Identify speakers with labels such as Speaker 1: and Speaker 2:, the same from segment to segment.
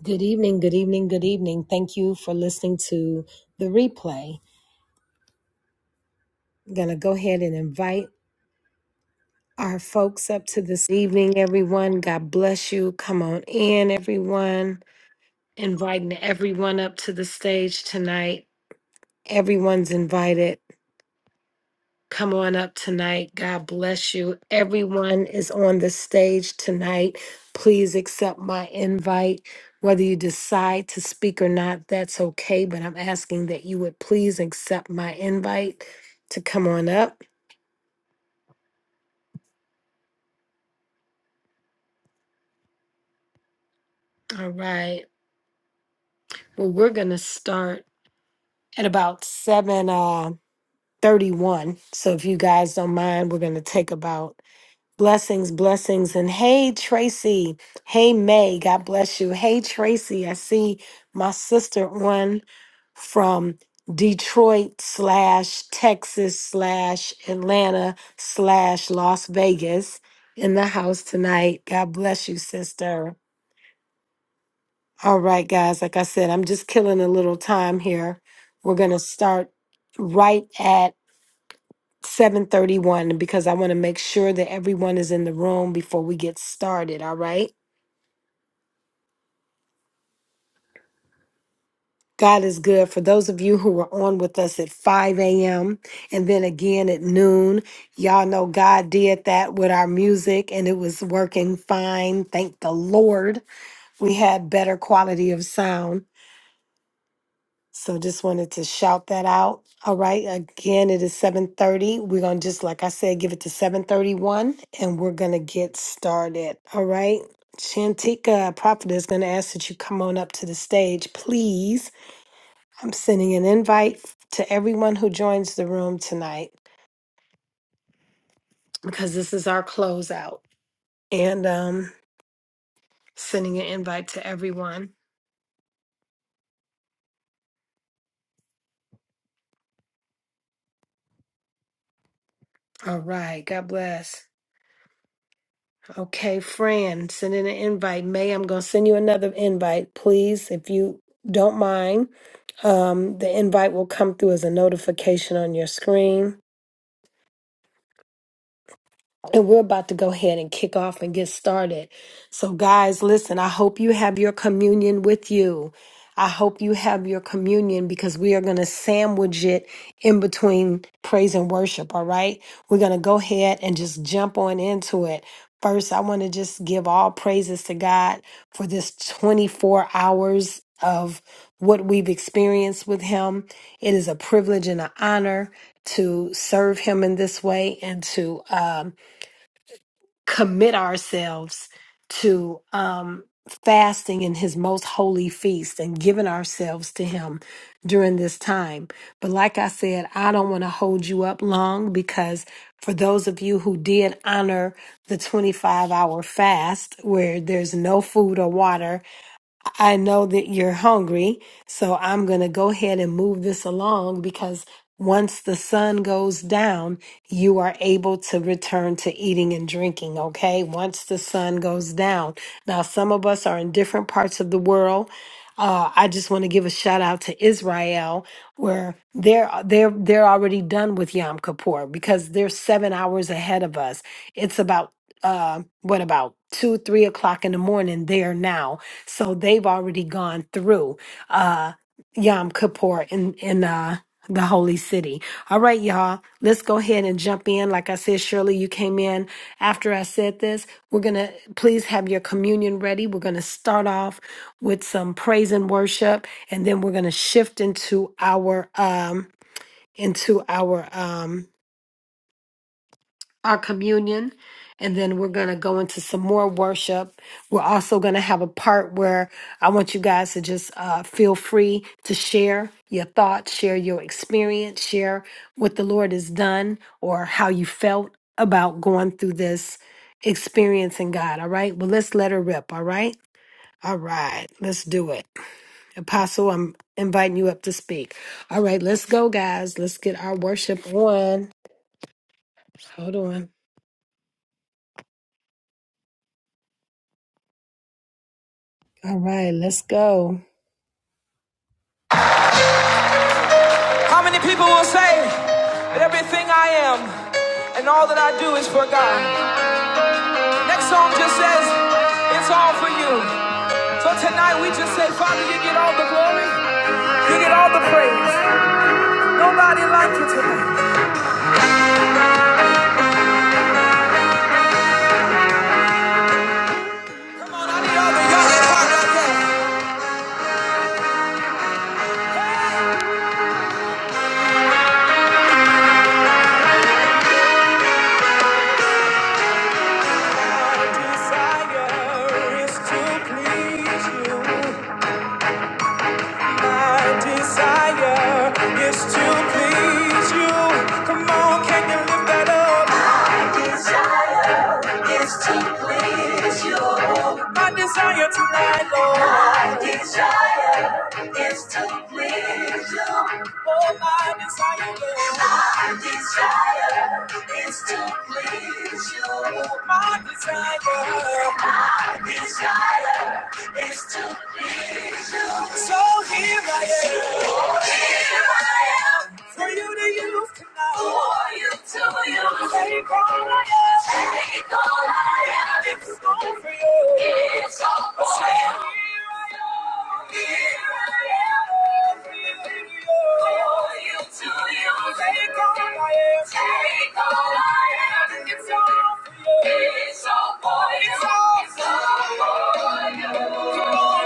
Speaker 1: Good evening, good evening, good evening. Thank you for listening to the replay. I'm going to go ahead and invite our folks up to this evening, everyone. God bless you. Come on in, everyone. Inviting everyone up to the stage tonight. Everyone's invited. Come on up tonight. God bless you. Everyone is on the stage tonight. Please accept my invite. Whether you decide to speak or not, that's okay, but I'm asking that you would please accept my invite to come on up. All right. Well, we're going to start at about 7 uh 31. So if you guys don't mind, we're going to take about Blessings, blessings. And hey, Tracy. Hey, May. God bless you. Hey, Tracy. I see my sister on from Detroit slash Texas slash Atlanta slash Las Vegas in the house tonight. God bless you, sister. All right, guys. Like I said, I'm just killing a little time here. We're going to start right at 731 because I want to make sure that everyone is in the room before we get started. All right. God is good for those of you who were on with us at 5 a.m. and then again at noon. Y'all know God did that with our music and it was working fine. Thank the Lord. We had better quality of sound. So just wanted to shout that out. All right. Again, it is 7:30. We're gonna just like I said, give it to 731 and we're gonna get started. All right. Shantika Prophet is gonna ask that you come on up to the stage, please. I'm sending an invite to everyone who joins the room tonight because this is our closeout. And um sending an invite to everyone. All right, God bless. Okay, Fran, send in an invite. May, I'm going to send you another invite, please, if you don't mind. Um, the invite will come through as a notification on your screen. And we're about to go ahead and kick off and get started. So, guys, listen, I hope you have your communion with you. I hope you have your communion because we are going to sandwich it in between praise and worship. All right. We're going to go ahead and just jump on into it. First, I want to just give all praises to God for this 24 hours of what we've experienced with Him. It is a privilege and an honor to serve Him in this way and to, um, commit ourselves to um, fasting in his most holy feast and giving ourselves to him during this time. But like I said, I don't want to hold you up long because for those of you who did honor the 25 hour fast where there's no food or water, I know that you're hungry, so I'm going to go ahead and move this along because once the sun goes down, you are able to return to eating and drinking, okay? Once the sun goes down. Now, some of us are in different parts of the world. Uh, I just want to give a shout out to Israel, where they're they're they're already done with Yom Kippur because they're seven hours ahead of us. It's about uh, what about two, three o'clock in the morning there now. So they've already gone through uh, Yom Kippur in in uh, the holy city. All right, y'all, let's go ahead and jump in. Like I said, Shirley, you came in after I said this. We're gonna please have your communion ready. We're gonna start off with some praise and worship, and then we're gonna shift into our um into our um our communion and then we're going to go into some more worship we're also going to have a part where i want you guys to just uh, feel free to share your thoughts share your experience share what the lord has done or how you felt about going through this experience in god all right well let's let her rip all right all right let's do it apostle i'm inviting you up to speak all right let's go guys let's get our worship on hold on all right let's go How many people will say that everything I am and all that I do is for God? Next song just says, It's all for you. So tonight we just say, Father, you get all the glory, you get all the praise. Nobody like you tonight. Nobody other, all get part of My desire is to please you. My desire is to please you. Come on, can you lift that up? My desire tonight, Lord. My desire is to please you. Oh, my desire, Lord. My desire is to please you. My desire is to. So here I am. For you to use tonight. For you to use. Take all I am. Take all I am. It's all for you. It's all for you. Here I am. Here I am. For you to use. Take all I am. Take all I am. It's all for you. It's all for you. It's all for you. Come on,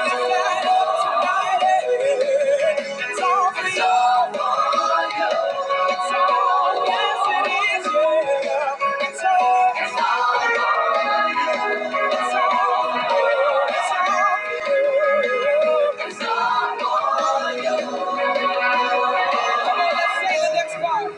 Speaker 1: let's say the next part.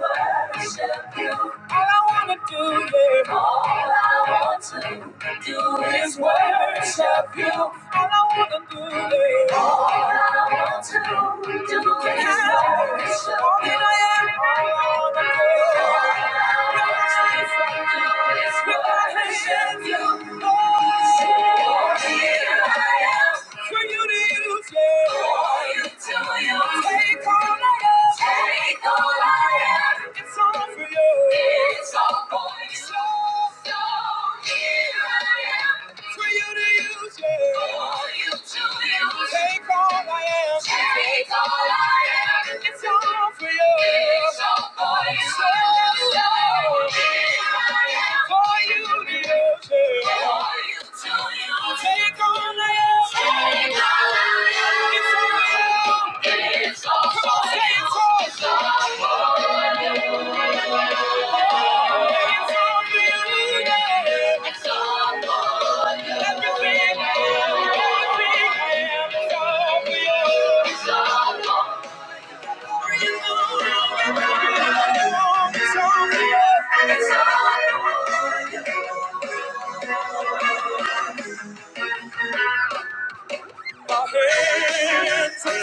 Speaker 1: Worship you. All I wanna do, yeah. All I want to wanna do is worship you. All I wanna do is all I want to do is worship all that I am. All I wanna do is worship you. Oh, here I am for you to use it. For you to use it. Take all I am. Take all I am. It's all for you. It's all for you. So, so for you to use it. For you to use Take all I am. Take all I am. It's all for you. It's all for you. So, so for you to use it. For you to use Take all I am. Take all I am. It's all for you. It's all for you. Come on, say It's all. It's all for you. My hands are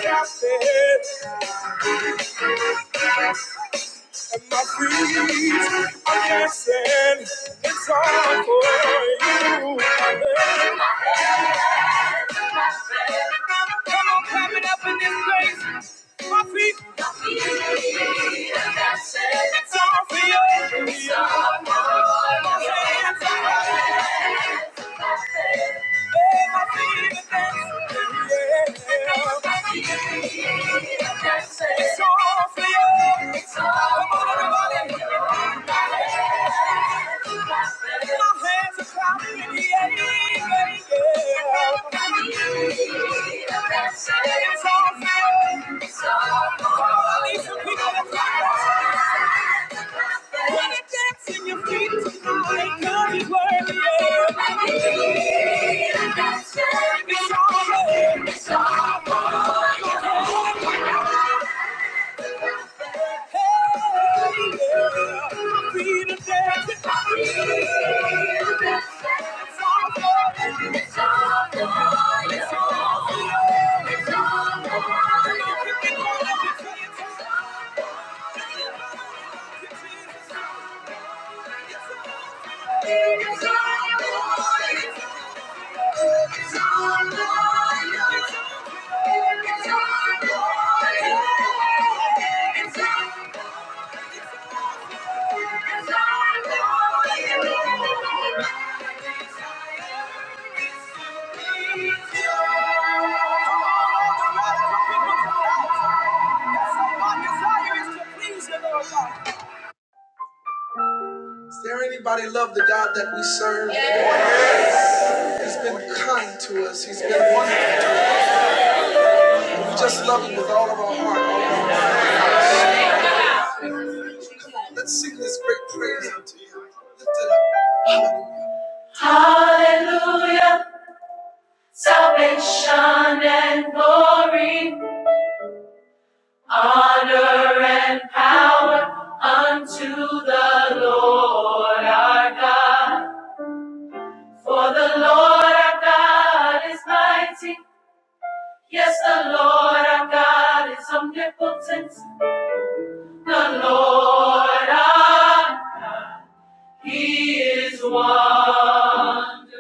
Speaker 1: captured and my feet are dancing. It's all for you. on climbing up in this place. My feet, my feet and that's it. It's all for you. It's all for you. Hands up, that's it. hey, my feet are dancing. My feet and that's it. It's all for you. It's all for you. Come on, everybody. for you my hands are cloudy in the air. Yeah, yeah. It's all fair. I need some people to clap. Put a dance in your feet tonight. Cause it's worthy. Yeah. It's all fair. It's all for you. Is there anybody love the God that we serve? Yes. He's been kind to us. He's been wonderful. to us. We Just love him with all of our heart, all of our mind. Let's sing this great praise unto you. Lift it up. Hallelujah. Hallelujah. Salvation and glory, honor and power unto the Lord our God. For the Lord our God is mighty. Yes, the Lord our God is omnipotent. The Lord our He is one. Lift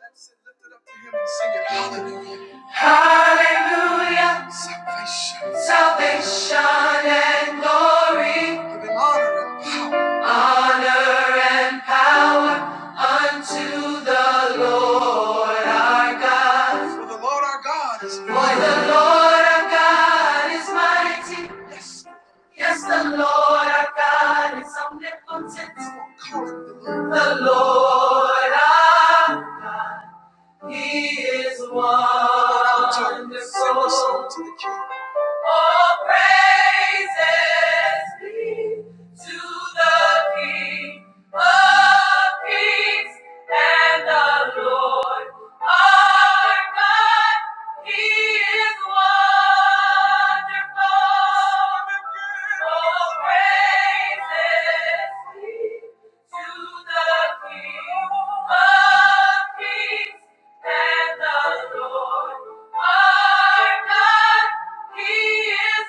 Speaker 1: it up to him and sing it. Hallelujah. Hallelujah. Salvation. Salvation and glory. Give honor and power. Honor and power unto the Lord our God. For the Lord our God is mighty. For the Lord our God is mighty. Yes, the Lord our God is omnipotent. The Lord our He is wonderful. All praises be to the King of Kings and the Lord our God. He is wonderful. All praises be. To the King of Kings and the Lord our God, He is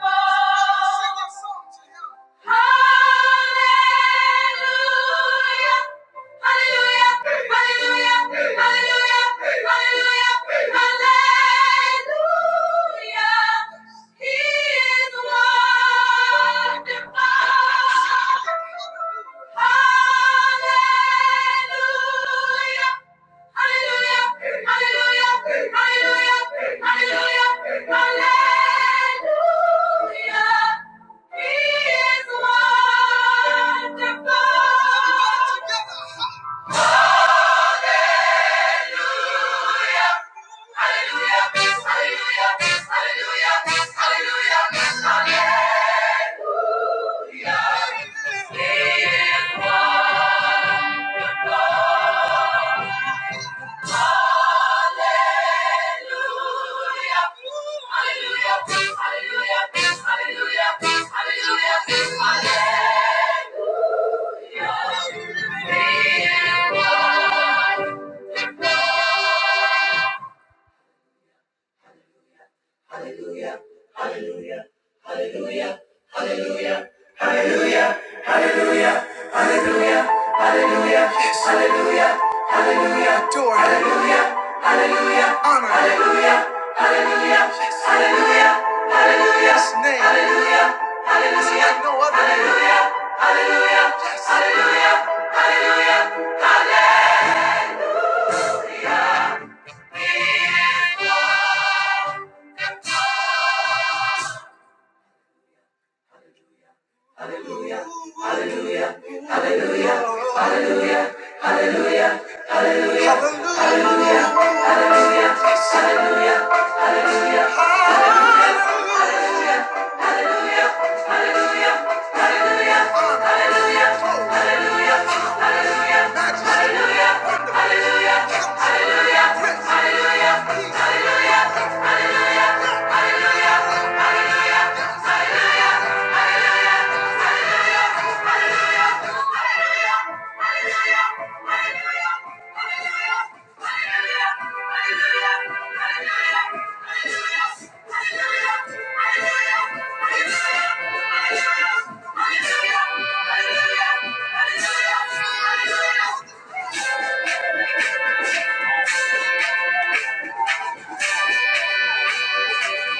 Speaker 1: wonderful. Hallelujah! Hallelujah. He is wonderful. Hallelujah. Hallelujah! Hallelujah! Hallelujah! I need your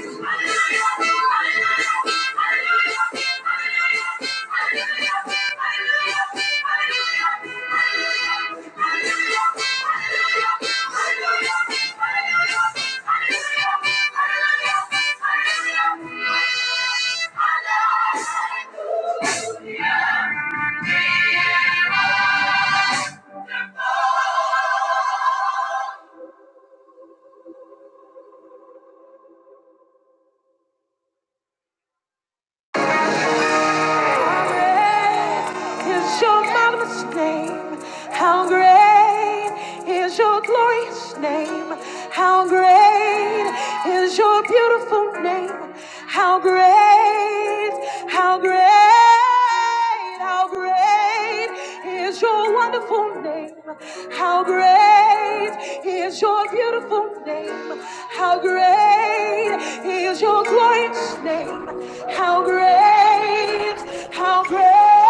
Speaker 1: love, I need your love. Hallelujah. great is your glorious name. How great is your beautiful name. How great, how great, how great is your wonderful name. How great is your beautiful name. How great is your glory name. How great, how great,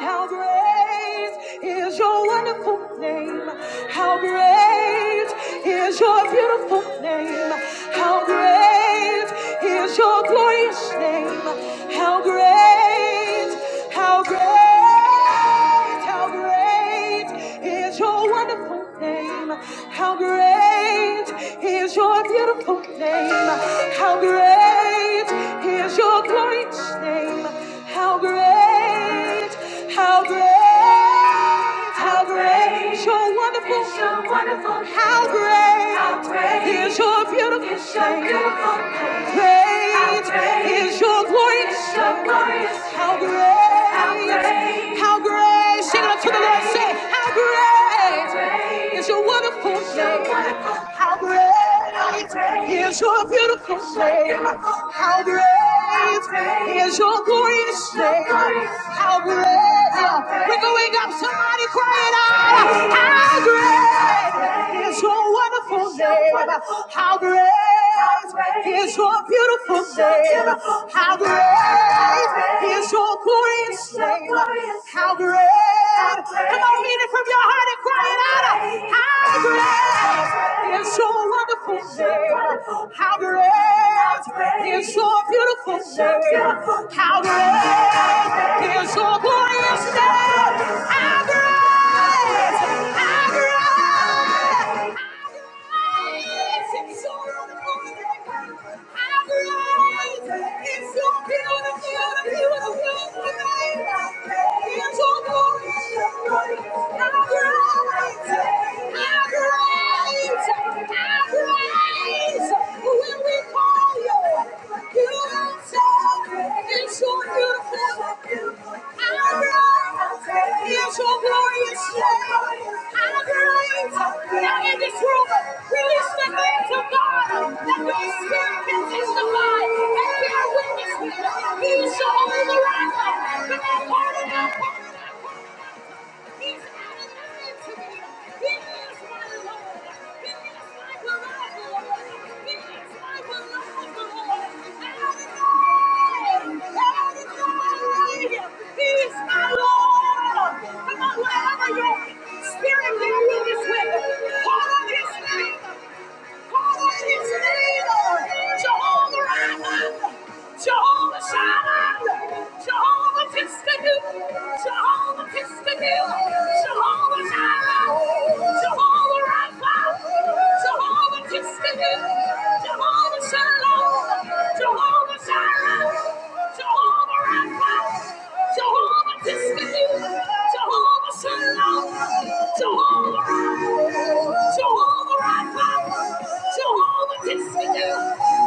Speaker 1: how great is your wonderful name. How great is your beautiful name. How great is your glorious name. How great, how great. how how great is your wonderful name? How great is your beautiful name? How great is your glorious name? How great, how great, how great is your wonderful, how great is your beautiful name? How great is your grace? How great? How great? Sing it up to the Lord. Say, how great is your wonderful name? How great is your beautiful name? How great is your glorious name? How great? We're going up. Somebody crying out. How great is your wonderful name? How great? is your beautiful name. How great is your glorious name. How great. Come on, mean it from your heart and cry it out. How great is your wonderful name. How great is your beautiful name. How great is your glorious name. How great. How great. When we call you. He shall override them, but that part of that He's out of the room He is my Lord. He is my beloved Lord. He is my beloved Lord. Adonai! Adonai! He is my Lord. Come on, wherever your spirit man is with, call on his name. Call on his name. Jehovah Rapha. Jehovah Shalom. Jehovah Tiskanu. Jehovah. Jehovah Tiskadil, Jehovah Jireh, Jehovah Rapha, Jehovah Tiskadil, Jehovah Shalom, Jehovah Jireh, Jehovah Rapha, Jehovah Tiskadil, Jehovah Shalom, Jehovah Rapha, Jehovah Rapha, Jehovah Tiskadil,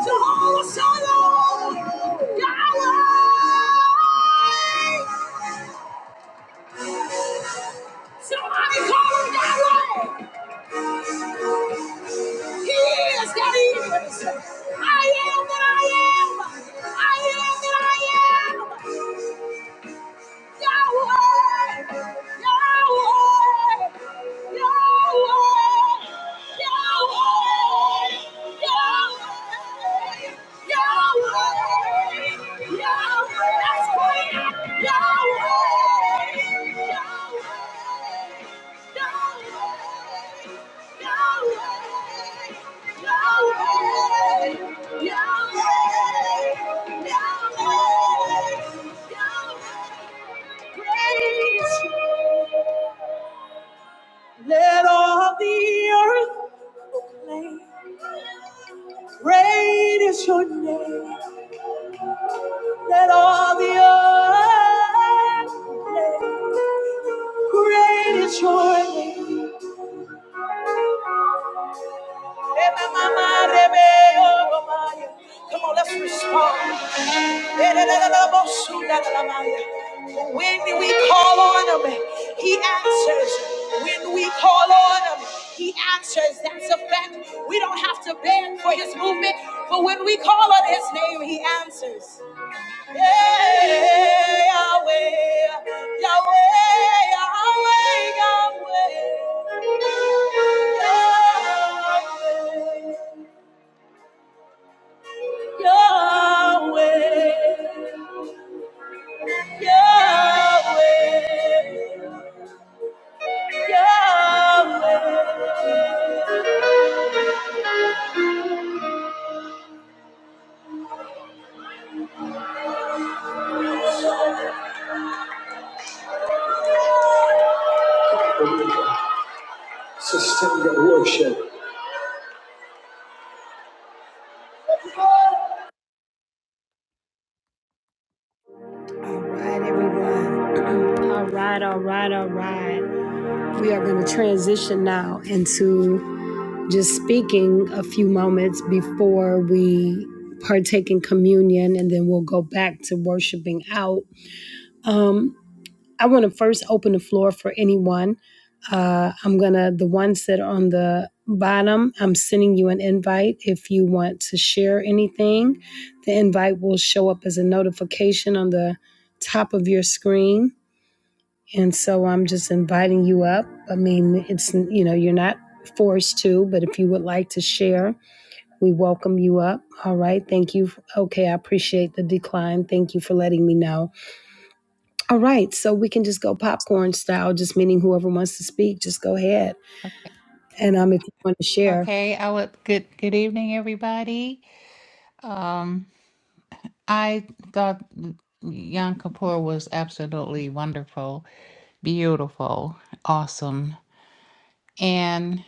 Speaker 1: Jehovah Shalom, Yahweh. Somebody call him Yahweh. He is that he is. I am that I am. I am that I am. Yahweh. Yahweh. Yahweh. Yahweh. Yahweh. Yahweh. Yahweh. That's great. Yahweh. Let all the earth praise your name. Let all the earth praise. Great is your name. Come on, let's respond. When we call on him, he answers. When we call him, he answers. That's a fact. We don't have to beg for his movement, for he answers. Sustain your worship. All right, everyone. All right, all right, all right. We are going to transition now into. just speaking a few moments before we partake in communion and then we'll go back to worshiping out. Um, I want to first open the floor for anyone. Uh, I'm going to, the ones that are on the bottom, I'm sending you an invite. If you want to share anything, the invite will show up as a notification on the top of your screen. And so I'm just inviting you up. I mean, it's, you know, you're not forced to, but if you would like to share, we welcome you up. All right. Thank you. Okay. I appreciate the decline. Thank you for letting me know. All right. So we can just go popcorn style, just meaning whoever wants to speak, just go ahead. And um, if you want to share.
Speaker 2: Okay, I would good good evening everybody. Um I thought Yom Kippur was absolutely wonderful, beautiful, awesome. And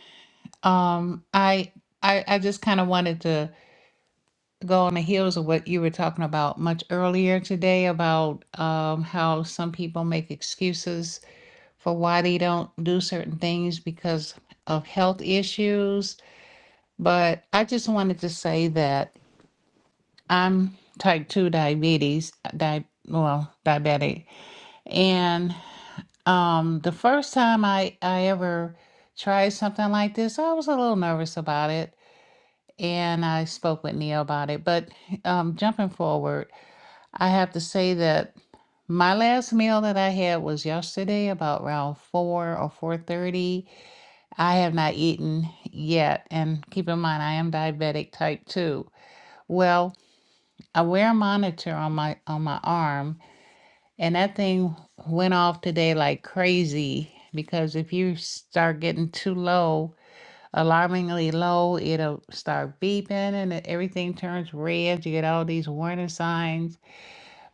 Speaker 2: um I I, I just kind of wanted to go on the heels of what you were talking about much earlier today about um, how some people make excuses for why they don't do certain things because of health issues. But I just wanted to say that I'm type 2 diabetes, di- well, diabetic. And um, the first time I, I ever tried something like this, I was a little nervous about it. And I spoke with Neil about it. But um, jumping forward, I have to say that my last meal that I had was yesterday, about around four or four thirty. I have not eaten yet, and keep in mind I am diabetic type two. Well, I wear a monitor on my on my arm, and that thing went off today like crazy because if you start getting too low, alarmingly low, it'll start beeping and everything turns red. You get all these warning signs.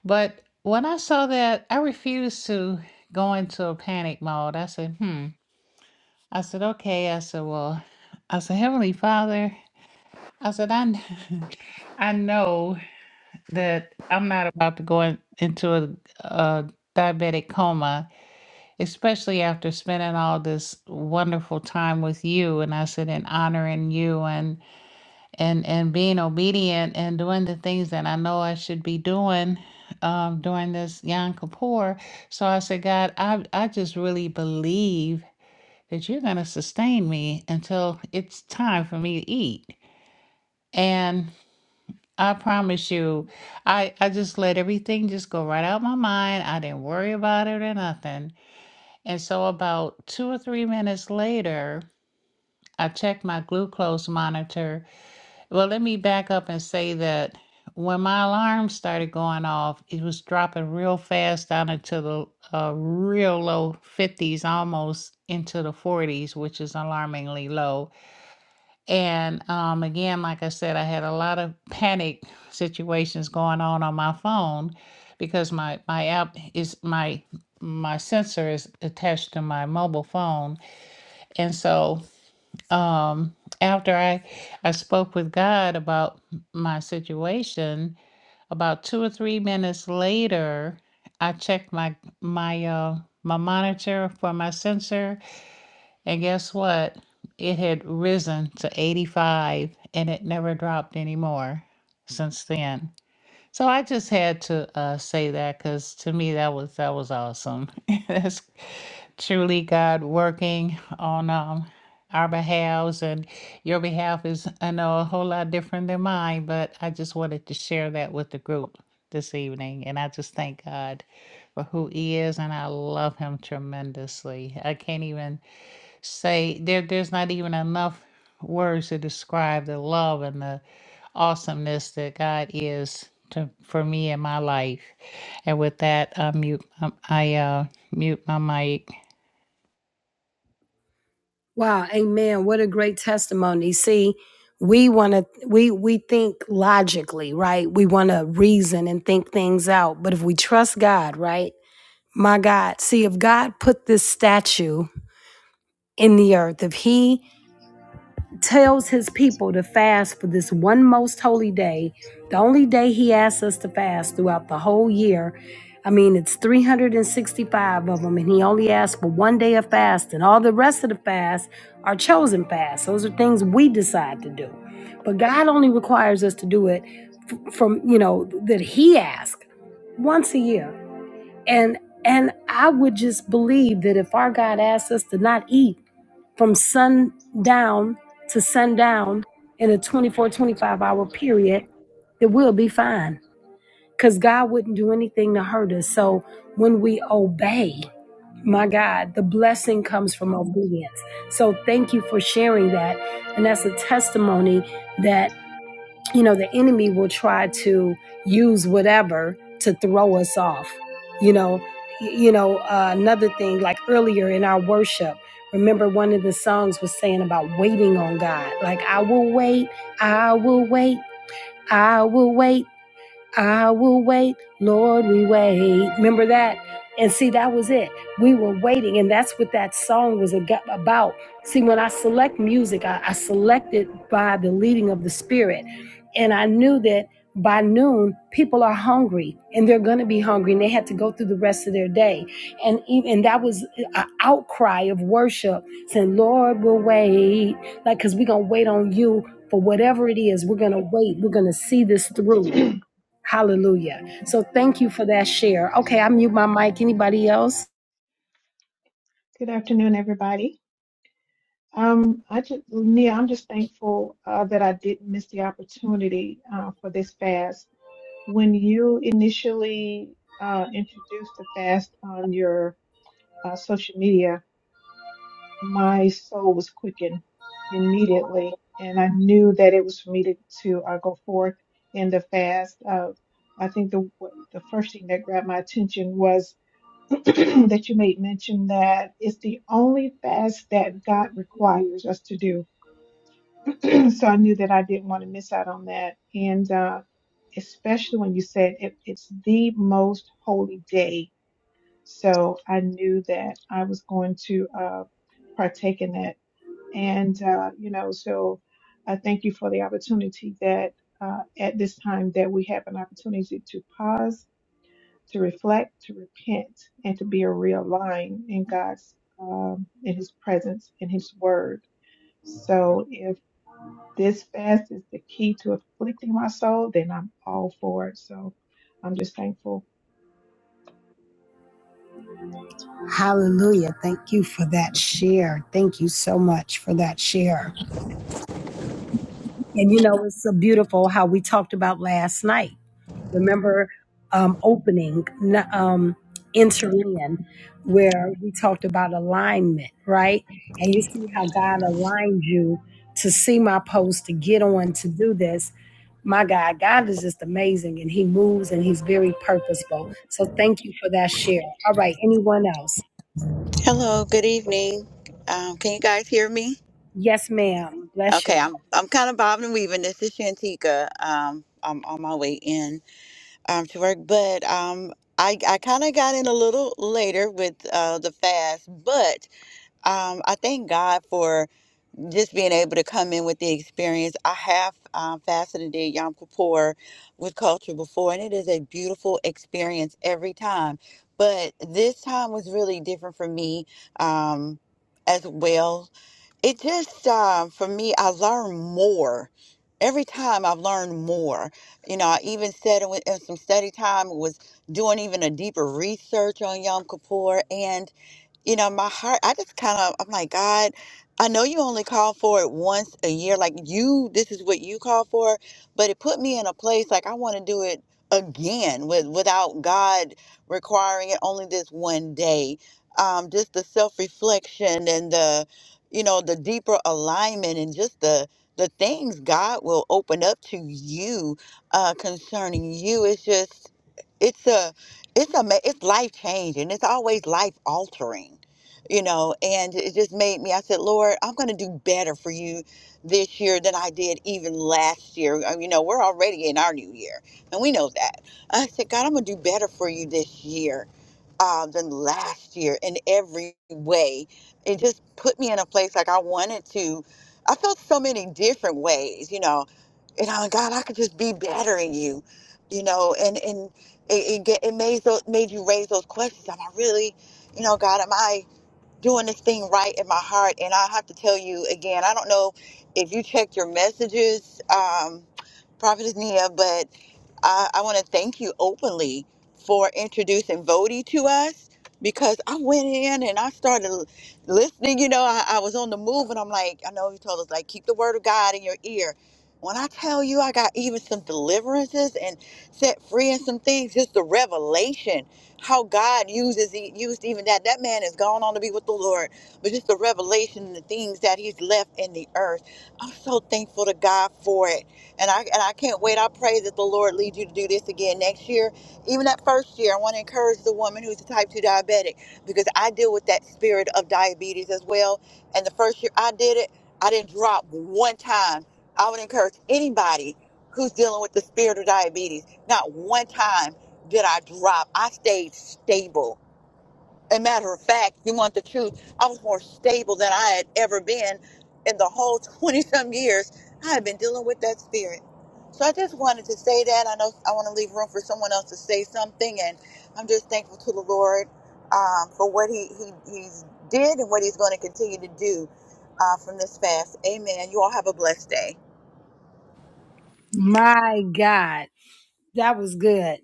Speaker 2: But when I saw that, I refused to go into a panic mode. I said, "Hmm." I said, "Okay." I said, "Well," I said, "Heavenly Father," I said, "I." I know. that I'm not about to go in, into a, a diabetic coma, especially after spending all this wonderful time with you. And I said, and honoring you and and and being obedient and doing the things that I know I should be doing um, during this Yom Kippur. So I said, God, I I just really believe that you're going to sustain me until it's time for me to eat. and. I promise you, I I just let everything just go right out my mind. I didn't worry about it or nothing. And so about two or three minutes later, I checked my glucose monitor. Well, let me back up and say that when my alarm started going off, it was dropping real fast down into the uh, real low 50s, almost into the 40s, which is alarmingly low. And um, again, like I said, I had a lot of panic situations going on on my phone because my my app is my my sensor is attached to my mobile phone, and so um, after I I spoke with God about my situation, about two or three minutes later, I checked my my uh, my monitor for my sensor, and guess what? It had risen to 85 and it never dropped anymore since then. So I just had to uh, say that because to me that was that was awesome. That's truly God working on um, our behalves and your behalf is I know a whole lot different than mine, but I just wanted to share that with the group this evening, and I just thank God for who He is, and I love Him tremendously. I can't even say there there's not even enough words to describe the love and the awesomeness that God is to for me in my life. And with that, I mute I uh, mute my mic.
Speaker 1: Wow. Amen. What a great testimony. See, we want to, we, we think logically, right? We want to reason and think things out. But if we trust God, right? My God, see, if God put this statue in the earth, if He tells his people to fast for this one most holy day, the only day he asks us to fast throughout the whole year. I mean, it's 365 of them, and he only asks for one day of fast, and all the rest of the fasts are chosen fasts. Those are things we decide to do. But God only requires us to do it f- from, you know, that he asks once a year. And and I would just believe that if our God asks us to not eat, from sundown to sundown in a 24, 25 hour period, that we'll be fine because God wouldn't do anything to hurt us. So when we obey, my God, the blessing comes from obedience. So thank you for sharing that. And that's a testimony that you know, the enemy will try to use whatever to throw us off. You know, you know, uh, another thing like earlier in our worship, remember one of the songs was saying about waiting on God. Like I will wait, I will wait, I will wait. I will wait, Lord, we wait. Remember that? And see, that was it. We were waiting, and that's what that song was ag- about. See, when I select music, I, I select it by the leading of the Spirit. And I knew that by noon, people are hungry and they're going to be hungry, and they had to go through the rest of their day. And even that was an outcry of worship saying, Lord, we'll wait. Like, because we're going to wait on you for whatever it is. We're going to wait. We're going to see this through. Hallelujah. So thank you for that share. Okay, I mute my mic. Anybody else?
Speaker 3: Good afternoon, everybody. Um, I just, Nia, I'm just thankful uh, that I didn't miss the opportunity uh, for this fast. When you initially uh, introduced the fast on your uh, social media, my soul was quickened immediately, and I knew that it was for me to, to uh, go forth in the fast. Uh, I think the the first thing that grabbed my attention was that you made mention that it's the only fast that God requires us to do. so I knew that I didn't want to miss out on that. And uh, especially when you said it, it's the most holy day. So I knew that I was going to uh, partake in that. And, uh, you know, so I thank you for the opportunity that uh, at this time that we have an opportunity to pause to reflect, to repent, and to be realigned in God's, um, in His presence, in His Word. So if this fast is the key to afflicting my soul, then I'm all for it. So I'm just thankful
Speaker 1: Hallelujah. Thank you for that share. Thank you so much for that share. And you know, it's so beautiful how we talked about last night. Remember um, opening n- um, Interland, where we talked about alignment, right? And you see how God aligned you to see my post, to get on, to do this. My God, God is just amazing and He moves and He's very purposeful. So thank you for that share. All right, anyone else?
Speaker 4: Hello, good evening. Um, can you guys hear me?
Speaker 1: Yes, ma'am. Bless
Speaker 4: Okay,
Speaker 1: you.
Speaker 4: I'm I'm kind of bobbing and weaving. This is Shantika. Um, I'm on my way in um, to work, but um, I I kind of got in a little later with uh, the fast, but um, I thank God for just being able to come in with the experience. I have um, fasted and did Yom Kippur with culture before, and it is a beautiful experience every time. But this time was really different for me um, as well. It just, um, for me, I learned more. Every time I've learned more, you know, I even said in, in some study time was doing even a deeper research on Yom Kippur, and you know, my heart, I just kind of, I'm like, God, I know you only call for it once a year. Like, you, this is what you call for. But it put me in a place like I want to do it again with, without God requiring it only this one day. Um, just the self reflection and the, you know, the deeper alignment and just the, the things God will open up to you uh, concerning you. It's just, it's a, it's a it's life changing it's always life altering you know and it just made me i said lord i'm going to do better for you this year than i did even last year Uh, you know we're already in our new year and we know that i said god i'm going to do better for you this year uh, than last year in every way it just put me in a place like i wanted to i felt so many different ways you know and I'm like, God, I could just be better in you, you know, and and it, it, get, it made those made you raise those questions. Am I really, you know, God, am I doing this thing right in my heart? And I have to tell you again, I don't know if you checked your messages, um, Prophetess Nia, but I, I want to thank you openly for introducing Vody to us because I went in and I started l- listening. You know, I, I was on the move and I'm like, I know you told us, like, keep the word of God in your ear. When I tell you, I got even some deliverances and set free and some things, just the revelation how God uses e- used even that. That man has gone on to be with the Lord, but just the revelation and the things that he's left in the earth. I'm so thankful to God for it and I and I can't wait. I pray that the Lord leads you to do this again next year. Even that first year, I want to encourage the woman who's a type two diabetic because I deal with that spirit of diabetes as well. And the first year I did it, I didn't drop one time. I would encourage anybody who's dealing with the spirit of diabetes. Not one time did I drop. I stayed stable a matter of fact, you want the truth. I was more stable than I had ever been in the whole 20 some years. I had been dealing with that spirit. So I just wanted to say that. I know I want to leave room for someone else to say something. And I'm just thankful to the Lord um, for what he, he he's did and what he's going to continue to do uh, from this fast. Amen. You all have a blessed day.
Speaker 1: My God, that was good.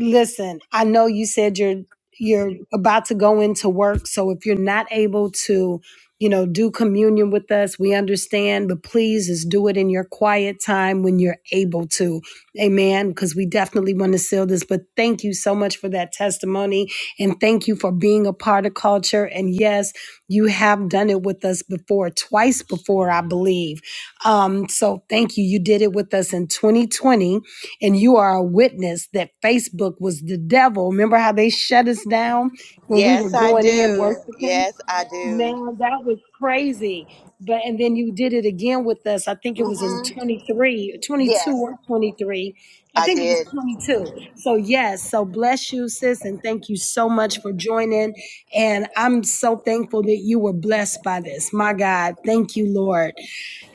Speaker 1: listen, I know you said you're you're about to go into work, so if you're not able to, you know, do communion with us, we understand, but please just do it in your quiet time when you're able to. Amen, because we definitely want to seal this, but thank you so much for that testimony and thank you for being a part of culture and yes, you have done it with us before, twice before, I believe. Um so thank you. You did it with us in 2020 and you are a witness that Facebook was the devil. Remember how they shut us down when we were
Speaker 4: Yes, I
Speaker 1: going in
Speaker 4: do.
Speaker 1: worshiping?
Speaker 4: Yes, I do.
Speaker 1: Now that was crazy. But and then you did it again with us. I think it was in
Speaker 4: hmm
Speaker 1: 23, 22
Speaker 4: Yes,
Speaker 1: or 23. I
Speaker 4: I
Speaker 1: think it
Speaker 4: did.
Speaker 1: was 22. So yes, so bless you sis and thank you so much for joining and I'm so thankful that you were blessed by this. My God, thank you Lord.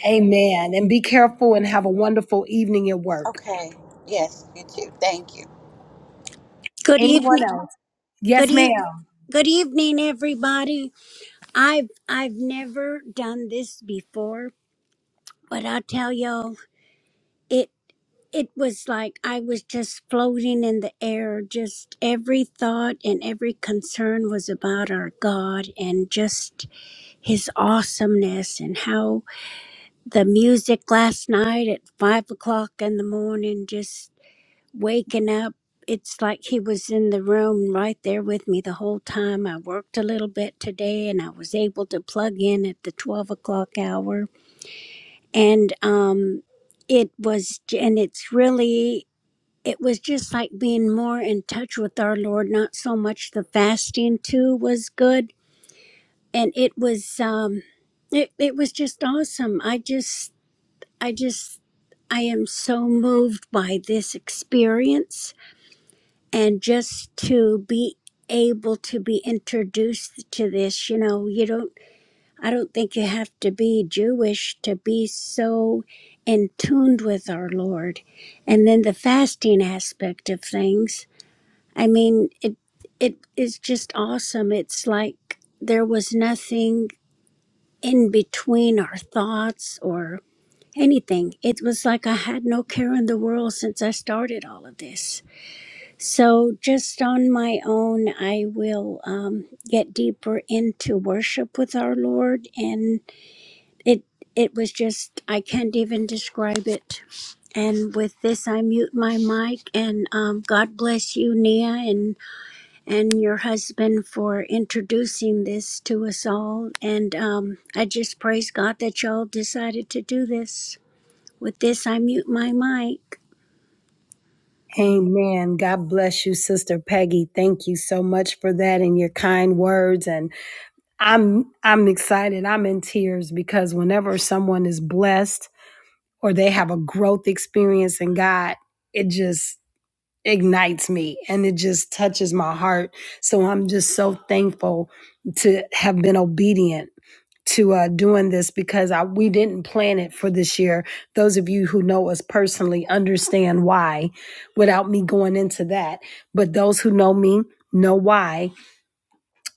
Speaker 1: Amen. And be careful and have a wonderful evening at work.
Speaker 4: Okay. Yes, you too. Thank you.
Speaker 5: Good
Speaker 1: Anyone
Speaker 5: evening.
Speaker 1: else?
Speaker 5: Good
Speaker 1: Yes,
Speaker 5: evening.
Speaker 1: ma'am.
Speaker 5: Good evening, everybody. I've I've never done this before, but I'll tell y'all, it it was like I was just floating in the air. Just every thought and every concern was about our God and just His awesomeness and how the music last night at five o'clock in the morning just waking up, it's like he was in the room right there with me the whole time. I worked a little bit today and I was able to plug in at the 12 o'clock hour. And um, it was, and it's really, it was just like being more in touch with our Lord. Not so much the fasting too was good. And it was, um, it, it was just awesome. I just, I just, I am so moved by this experience and just to be able to be introduced to this you know you don't i don't think you have to be jewish to be so in tuned with our lord and then the fasting aspect of things i mean it it is just awesome it's like there was nothing in between our thoughts or anything it was like i had no care in the world since i started all of this so, just on my own, I will um, get deeper into worship with our Lord, and it it was just I can't even describe it. And with this, I mute my mic, and um, God bless you, Nia, and and your husband for introducing this to us all. And um, I just praise God that y'all decided to do this. With this, I mute my mic.
Speaker 1: Amen. God bless you, Sister Peggy. Thank you so much for that and your kind words. And I'm I'm excited. I'm in tears because whenever someone is blessed or they have a growth experience in God, it just ignites me and it just touches my heart. So I'm just so thankful to have been obedient to uh, doing this because I, we didn't plan it for this year. Those of you who know us personally understand why without me going into that. But those who know me know why.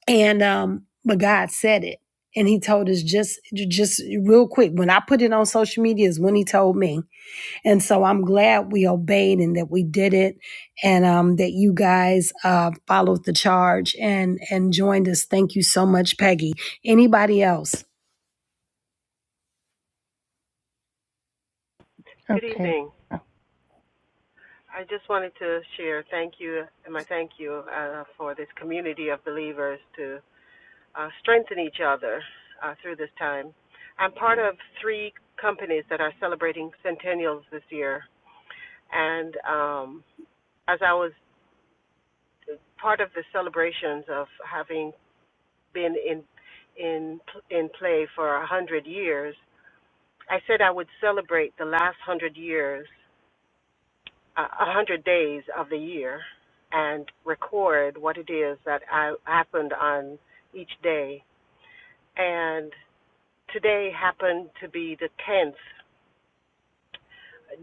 Speaker 1: And, um, but God said it. And he told us just, just real quick. When I put it on social media is when he told me. And so I'm glad we obeyed and that we did it and, um, that you guys, uh, followed the charge and, and joined us. Thank you so much, Peggy. Anybody else?
Speaker 6: Good
Speaker 7: Okay.
Speaker 6: evening.
Speaker 7: All
Speaker 6: I just wanted to share thank you and my thank you uh, for this community of believers to uh, strengthen each other uh, through this time. I'm part of three companies that are celebrating centennials this year, and um, as I was part of the celebrations of having been in in in play for a hundred years, I said I would celebrate the last hundred years a hundred days of the year and record what it is that I, happened on each day. And today happened to be the tenth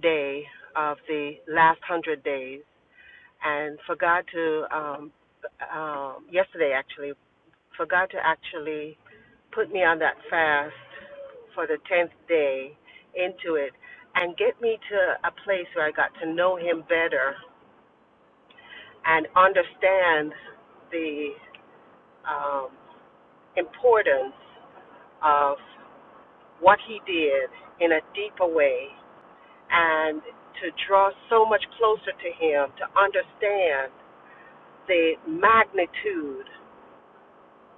Speaker 6: day of the last one hundred days. And for God to um, um, yesterday actually for God to actually put me on that fast for the tenth day into it and get me to a place where I got to know Him better and understand the um, importance of what he did in a deeper way and to draw so much closer to him, to understand the magnitude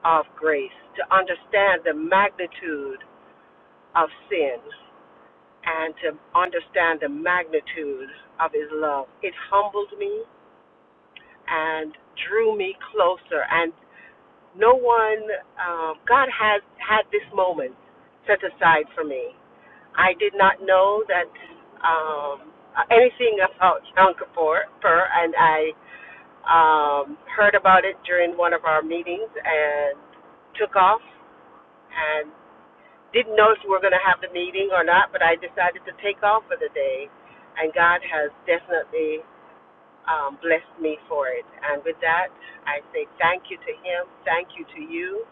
Speaker 6: of grace, to understand the magnitude of sin, and to understand the magnitude of his love. It humbled me and drew me closer. And no one, um, God has had this moment set aside for me. I did not know that um, anything about Yom Kippur, and I um, heard about it during one of our meetings and took off and didn't know if we were going to have the meeting or not, but I decided to take off for the day, and God has definitely um, blessed me for it. And with that, I say thank you to him, thank you to you.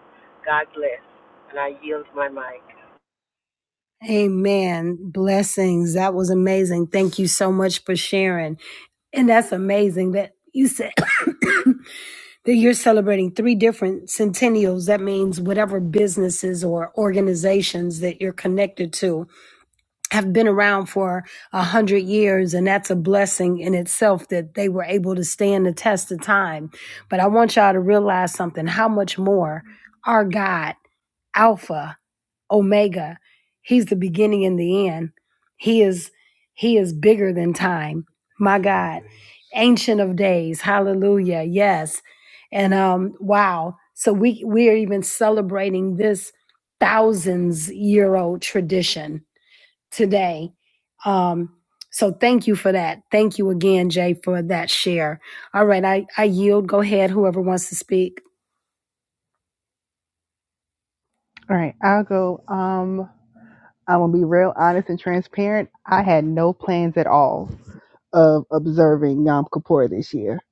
Speaker 6: God bless. And I yield my mic.
Speaker 1: Amen. Blessings. That was amazing. Thank you so much for sharing. And that's amazing that you said that you're celebrating three different centennials. That means whatever businesses or organizations that you're connected to have been around for a hundred years. And that's a blessing in itself that they were able to stand the test of time. But I want y'all to realize something, how much more our God, Alpha, omega he's the beginning and the end he is he is bigger than time my god ancient of days hallelujah yes and um wow so we we are even celebrating this thousands year old tradition today um so thank you for that thank you again jay for that share all right i i yield go ahead whoever wants to speak
Speaker 7: right. I'll go. Um, I'm gonna be real honest and transparent. I had no plans at all of observing Yom Kippur this year,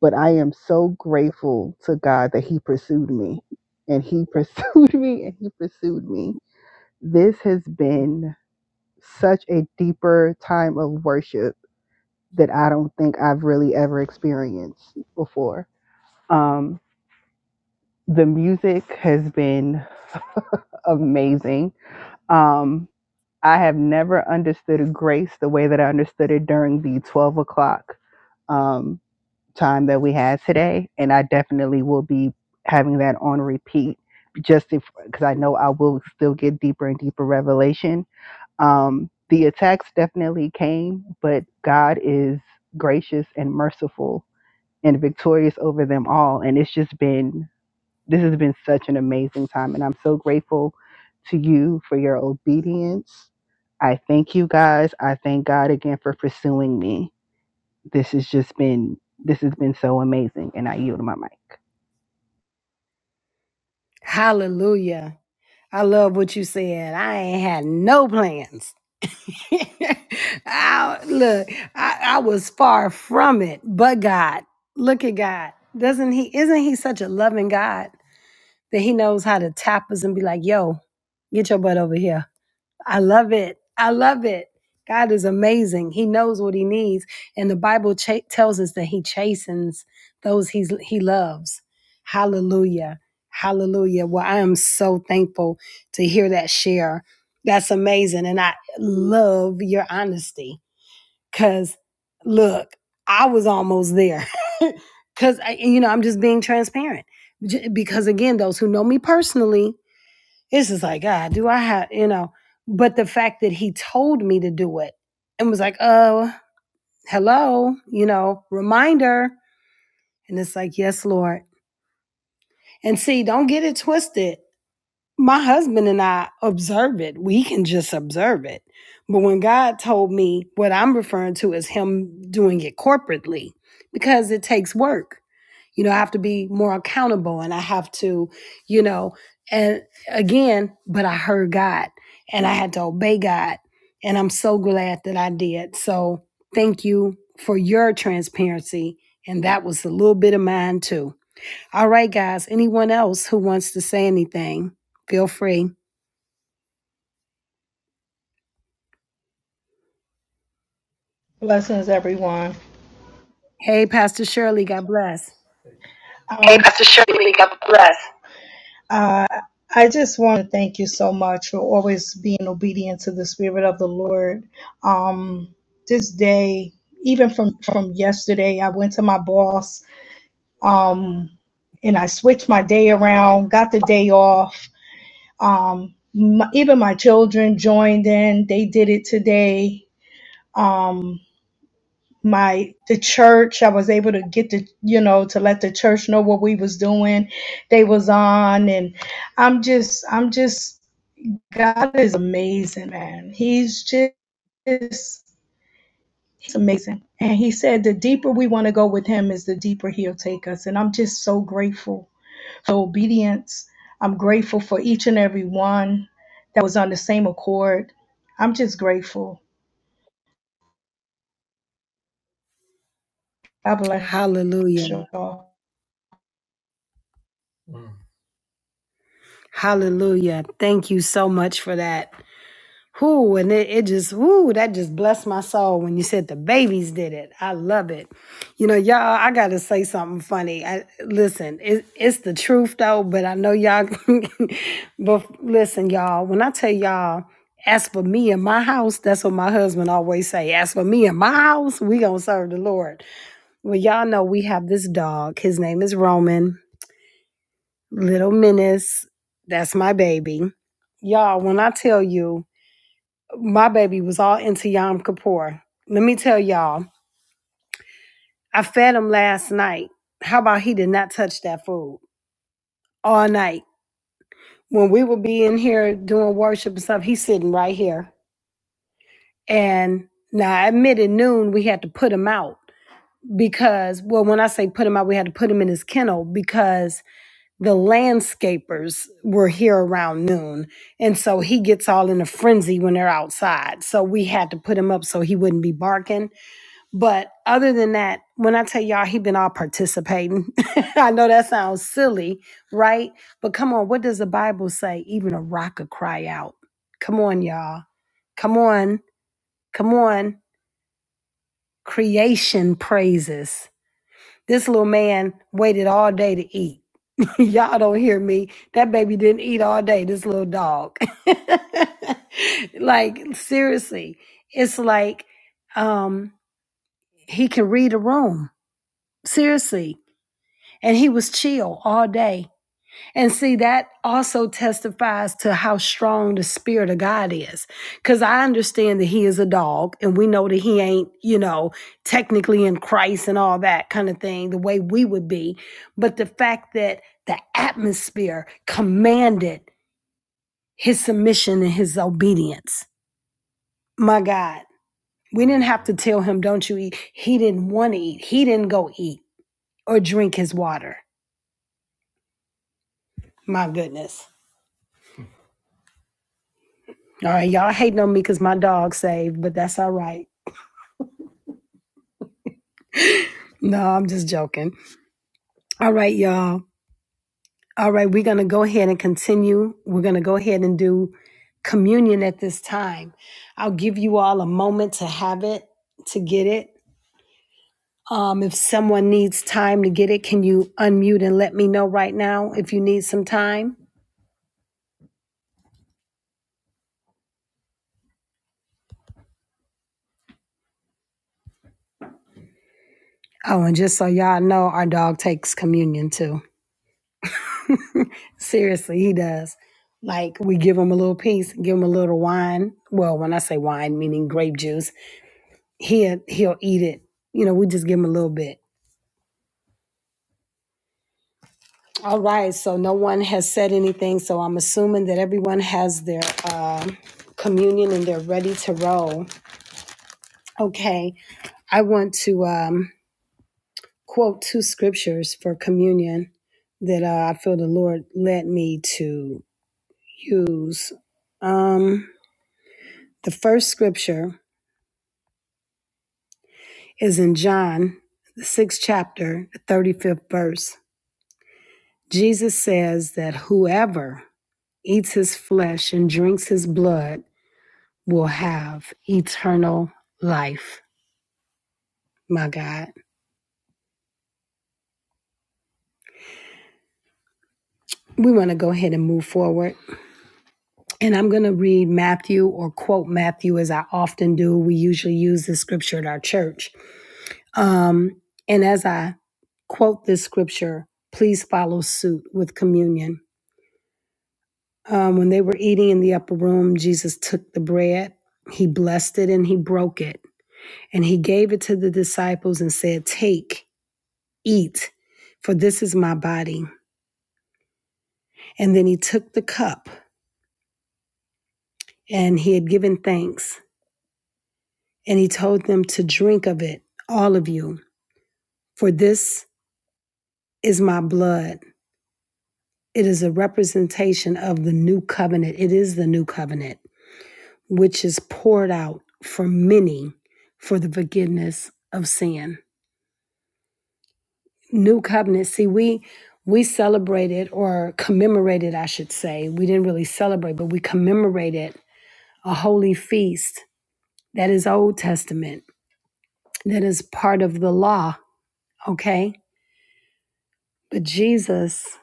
Speaker 7: but I am so grateful to God that He pursued me, and He pursued me, and He pursued me. This has been such a deeper time of worship that I don't think I've really ever experienced before. Um, the music has been amazing. Um, I have never understood grace the way that I understood it during the 12 o'clock um, time that we had today. And I definitely will be having that on repeat just because I know I will still get deeper and deeper revelation. Um, the attacks definitely came, but God is gracious and merciful and victorious over them all. And it's just been this has been such an amazing time, and I'm so grateful to you for your obedience. I thank you guys. I thank God again for pursuing me. This has just been this has been so amazing, and I yield my mic.
Speaker 1: Hallelujah. I love what you said. I ain't had no plans. I, look, I, I was far from it, but God, look at God. Doesn't he, isn't he such a loving God that he knows how to tap us and be like, yo, get your butt over here. I love it. I love it. God is amazing. He knows what he needs, and the Bible cha- tells us that he chastens those he's, he loves. Hallelujah. Hallelujah. Well, I am so thankful to hear that share. That's amazing. And I love your honesty because look, I was almost there because, you know, I'm just being transparent. J- Because again, those who know me personally, it's just like, God, do I have, you know? But the fact that he told me to do it and was like, oh, hello, you know, reminder. And it's like, yes, Lord. And see, don't get it twisted. My husband and I observe it. We can just observe it. But when God told me what I'm referring to is him doing it corporately, because it takes work. You know, I have to be more accountable and I have to, you know, and again, but I heard God and I had to obey God. And I'm so glad that I did. So thank you for your transparency. And that was a little bit of mine too. All right, guys. Anyone else who wants to say anything, feel free.
Speaker 8: Blessings, everyone.
Speaker 1: Hey, Pastor Shirley, God bless.
Speaker 8: Hey, Um, Pastor Shirley, God bless. uh, I just want to thank you so much for always being obedient to the Spirit of the Lord. Um, this day, even from from yesterday, I went to my boss um, and I switched my day around, got the day off. Um, my, even my children joined in; they did it today. Um. my the church i was able to get the you know to let the church know what we was doing they was on and i'm just i'm just god is amazing man he's just he's amazing and he said the deeper we want to go with him is the deeper he'll take us and i'm just so grateful for obedience i'm grateful for each and every one that was on the same accord i'm just grateful god bless
Speaker 1: Hallelujah.
Speaker 8: you all.
Speaker 1: Hallelujah. Thank you so much for that. Whoo, and it, it just, whoo, that just blessed my soul when you said the babies did it. I love it. You know, y'all, I got to say something funny. I, listen, it, it's the truth though, but I know y'all, but listen, y'all, when I tell y'all, as for me and my house, that's what my husband always say. As for me and my house, we gonna serve the Lord. Well, y'all know we have this dog. His name is Roman, Little Menace. That's my baby. Y'all, when I tell you, my baby was all into Yom Kippur. Let me tell y'all, I fed him last night. How about he did not touch that food all night? When we would be in here doing worship and stuff, he's sitting right here. And now, I admit at noon, we had to put him out because, well, when I say put him out, we had to put him in his kennel because the landscapers were here around noon. And so he gets all in a frenzy when they're outside. So we had to put him up so he wouldn't be barking But other than that, when I tell y'all he been all participating, I know that sounds silly, right? But come on, what does the Bible say? Even a rock could cry out. Come on, y'all. Come on. Come on. Creation praises. This little man waited all day to eat. y'all don't hear me. That baby didn't eat all day, this little dog. like, seriously. It's like um he can read a room. Seriously And he was chill all day. And see, that also testifies to how strong the spirit of God is. Because I understand that he is a dog, and we know that he ain't, you know, technically in Christ and all that kind of thing, the way we would be. But the fact that the atmosphere commanded his submission and his obedience. My God, we didn't have to tell him, don't you eat. He didn't want to eat, he didn't go eat or drink his water. My goodness. All right, y'all hating on me because my dog saved, but that's all right. No, I'm just joking. All right, y'all. All right, we're going to go ahead and continue. We're going to go ahead and do communion at this time. I'll give you all a moment to have it, to get it. Um, if someone needs time to get it, can you unmute and let me know right now if you need some time? Oh, and just so y'all know, our dog takes communion too. Seriously, he does. Like we give him a little piece, give him a little wine. Well, when I say wine, meaning grape juice, he'll he'll eat it. You know, we just give him a little bit. All right. So no one has said anything. So I'm assuming that everyone has their um communion and they're ready to roll. Okay. I want to um, quote two scriptures for communion that uh, I feel the Lord led me to use. Um, the first scripture. is in John, the sixth chapter, the 35th verse. Jesus says that whoever eats his flesh and drinks his blood will have eternal life. My God. We want to go ahead and move forward. And I'm going to read Matthew or quote Matthew as I often do. We usually use this scripture at our church. Um, and as I quote this scripture, please follow suit with communion. Um, when they were eating in the upper room, Jesus took the bread, he blessed it, and he broke it. And he gave it to the disciples and said, Take, eat, for this is my body. And then he took the cup, and he had given thanks, and he told them to drink of it, all of you, for this is my blood. It is a representation of the new covenant. It is the new covenant, which is poured out for many for the forgiveness of sin. New covenant. See, we we celebrated or commemorated, I should say. We didn't really celebrate, but we commemorated a holy feast that is Old Testament, that is part of the law, okay? But Jesus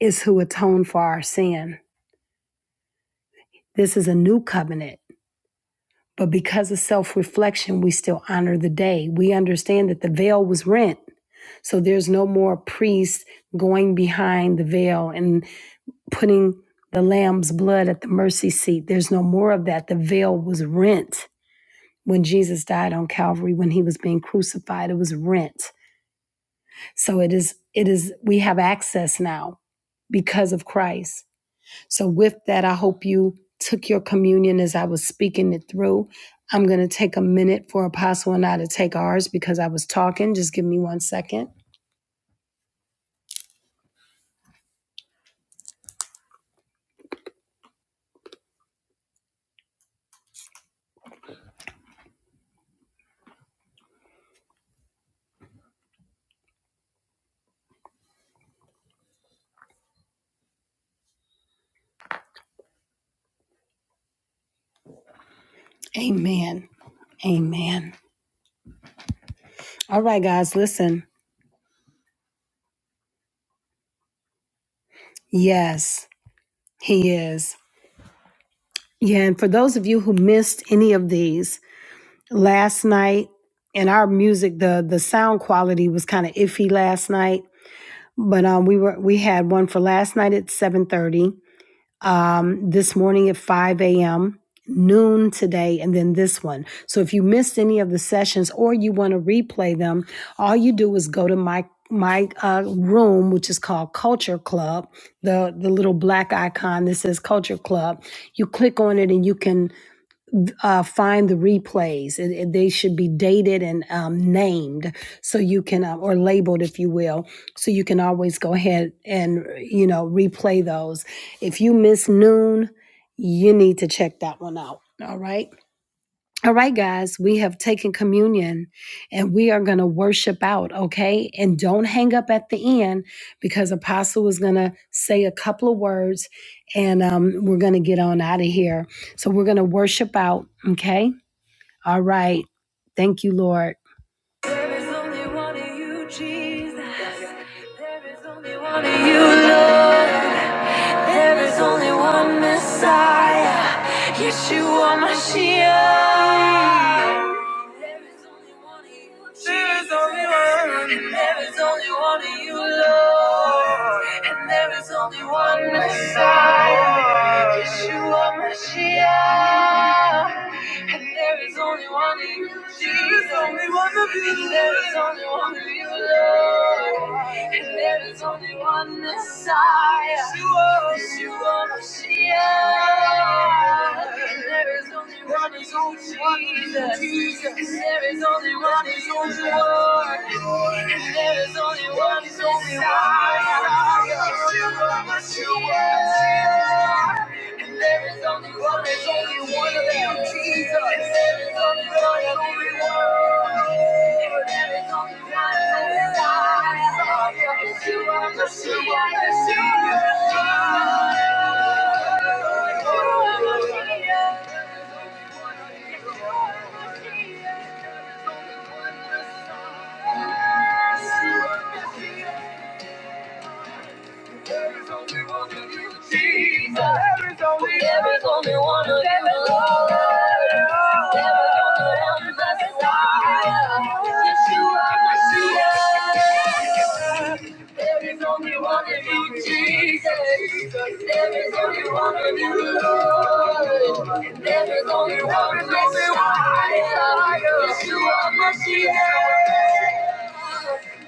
Speaker 1: is who atoned for our sin. This is a new covenant. But because of self reflection, we still honor the day. We understand that the veil was rent. So there's no more priest going behind the veil and. putting the lamb's blood at the mercy seat. There's no more of that. The veil was rent when Jesus died on Calvary when he was being crucified. It was rent. So it is it is we have access now because of Christ. So with that I hope you took your communion as I was speaking it through. I'm going to take a minute for Apostle and I to take ours because I was talking. Just give me one second. Amen. Amen. All right, guys, listen. Yes, he is. Yeah, and for those of you who missed any of these last night, and our music, the the sound quality was kind of iffy last night, but um, we were we had one for last night at seven thirty, this morning at five a.m., noon today, and then this one. So if you missed any of the sessions or you want to replay them, all you do is go to my my uh, room, which is called Culture Club, the the little black icon that says Culture Club. You click on it and you can uh, find the replays. It, it- they should be dated and um, named so you can, uh, or labeled, if you will, so you can always go ahead and, you know, replay those. If you miss noon, you need to check that one out. All right. All right, guys, we have taken communion and we are going to worship out, okay? And don't hang up at the end because Apostle is going to say a couple of words and um, we're going to get on out of here. So we're going to worship out, okay? All right. Thank you, Lord. There is only one Messiah, Yeshua Mashiach. There is only one And There is only one of you, Lord, and there is only one Messiah, Yeshua Mashiach. And there is only one of you, Jesus. Only one of you, and there is only one of you, Lord, and there is only one Messiah, Yeshua Mashiach. There is only one is only one Jesus. There is only one is only one. There is only one is only one. And there is only one is only one of them, Jesus. There is only one is only one. There is only one is only one. Yeshua, Yeshua, Yeshua. Yes, you are my Messiah. There is only one of you, Jesus. There is only one of you, Lord. And there is only one of us, Messiah. Yeshua Mashiach.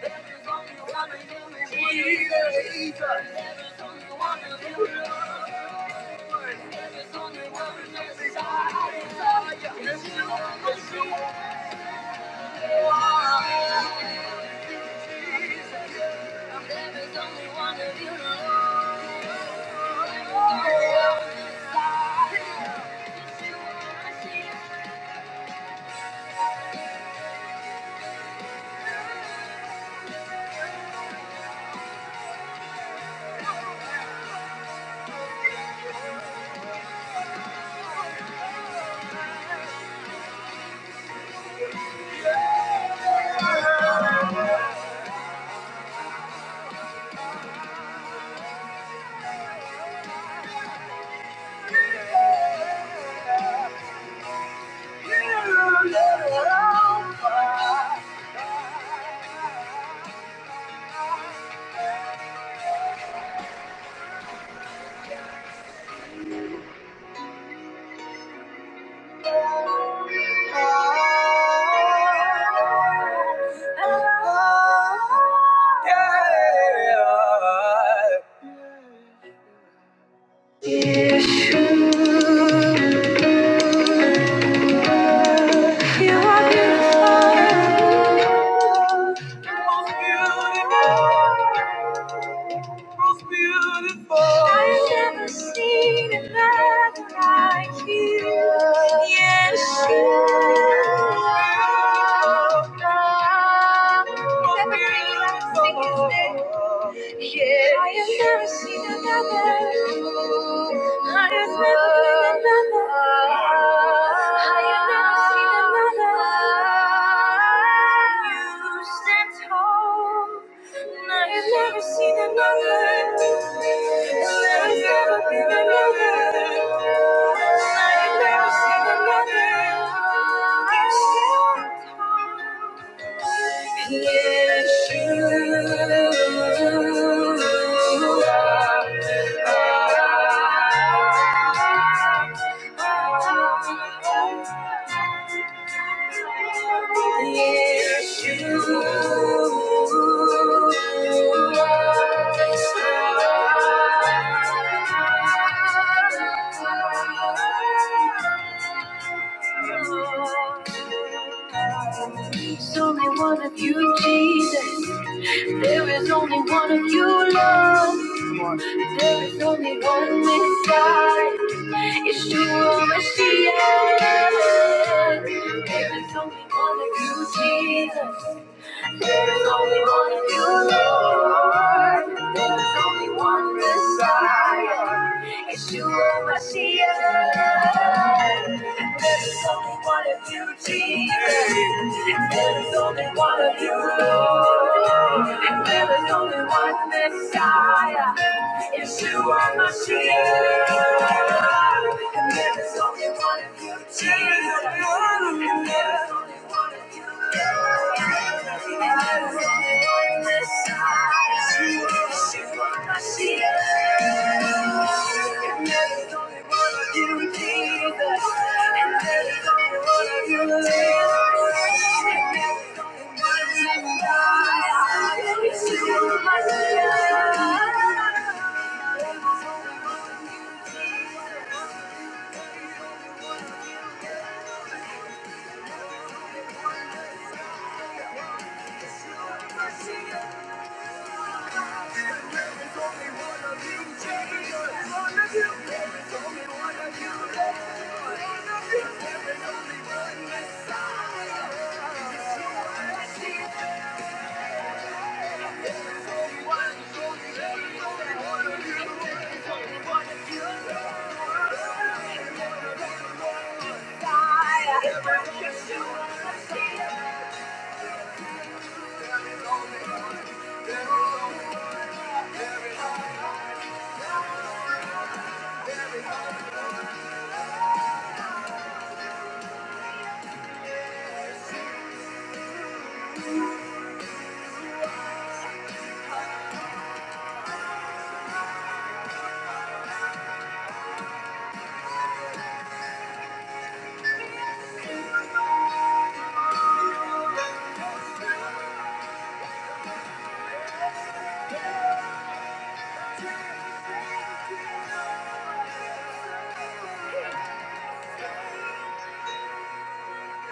Speaker 1: There is only one of you, Jesus. There is only one of you, Lord. There is only one of Messiah. Yeshua Mashiach. There is only one of you, Lord. I've never seen another like you. Yes, you. are. Never really let me his name. Yeah. I have never seen another. I have never been another. I have never seen another. You stand tall. And I have never seen another. And there has never been another. And I have never seen another. You stand tall. Yeshua. There's only one of you, Jesus. There is only one of you, love. There is only one Messiah. It's true, Messiah. There is only one of you, Jesus. There is only one of you, Lord. There is only one Messiah. It's true, Messiah. There's only one of you, Jesus. There's only one of you, Lord. There is only one Messiah. Yeshua Mashiach. And there is only one of you, Jesus. And there is only one of you, Lord. Thank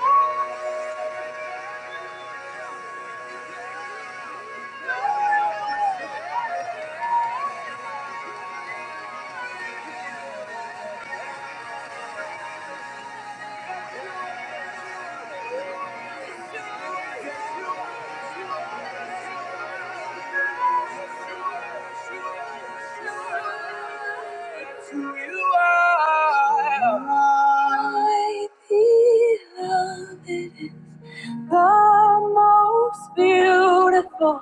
Speaker 1: you. You are my beloved, the most beautiful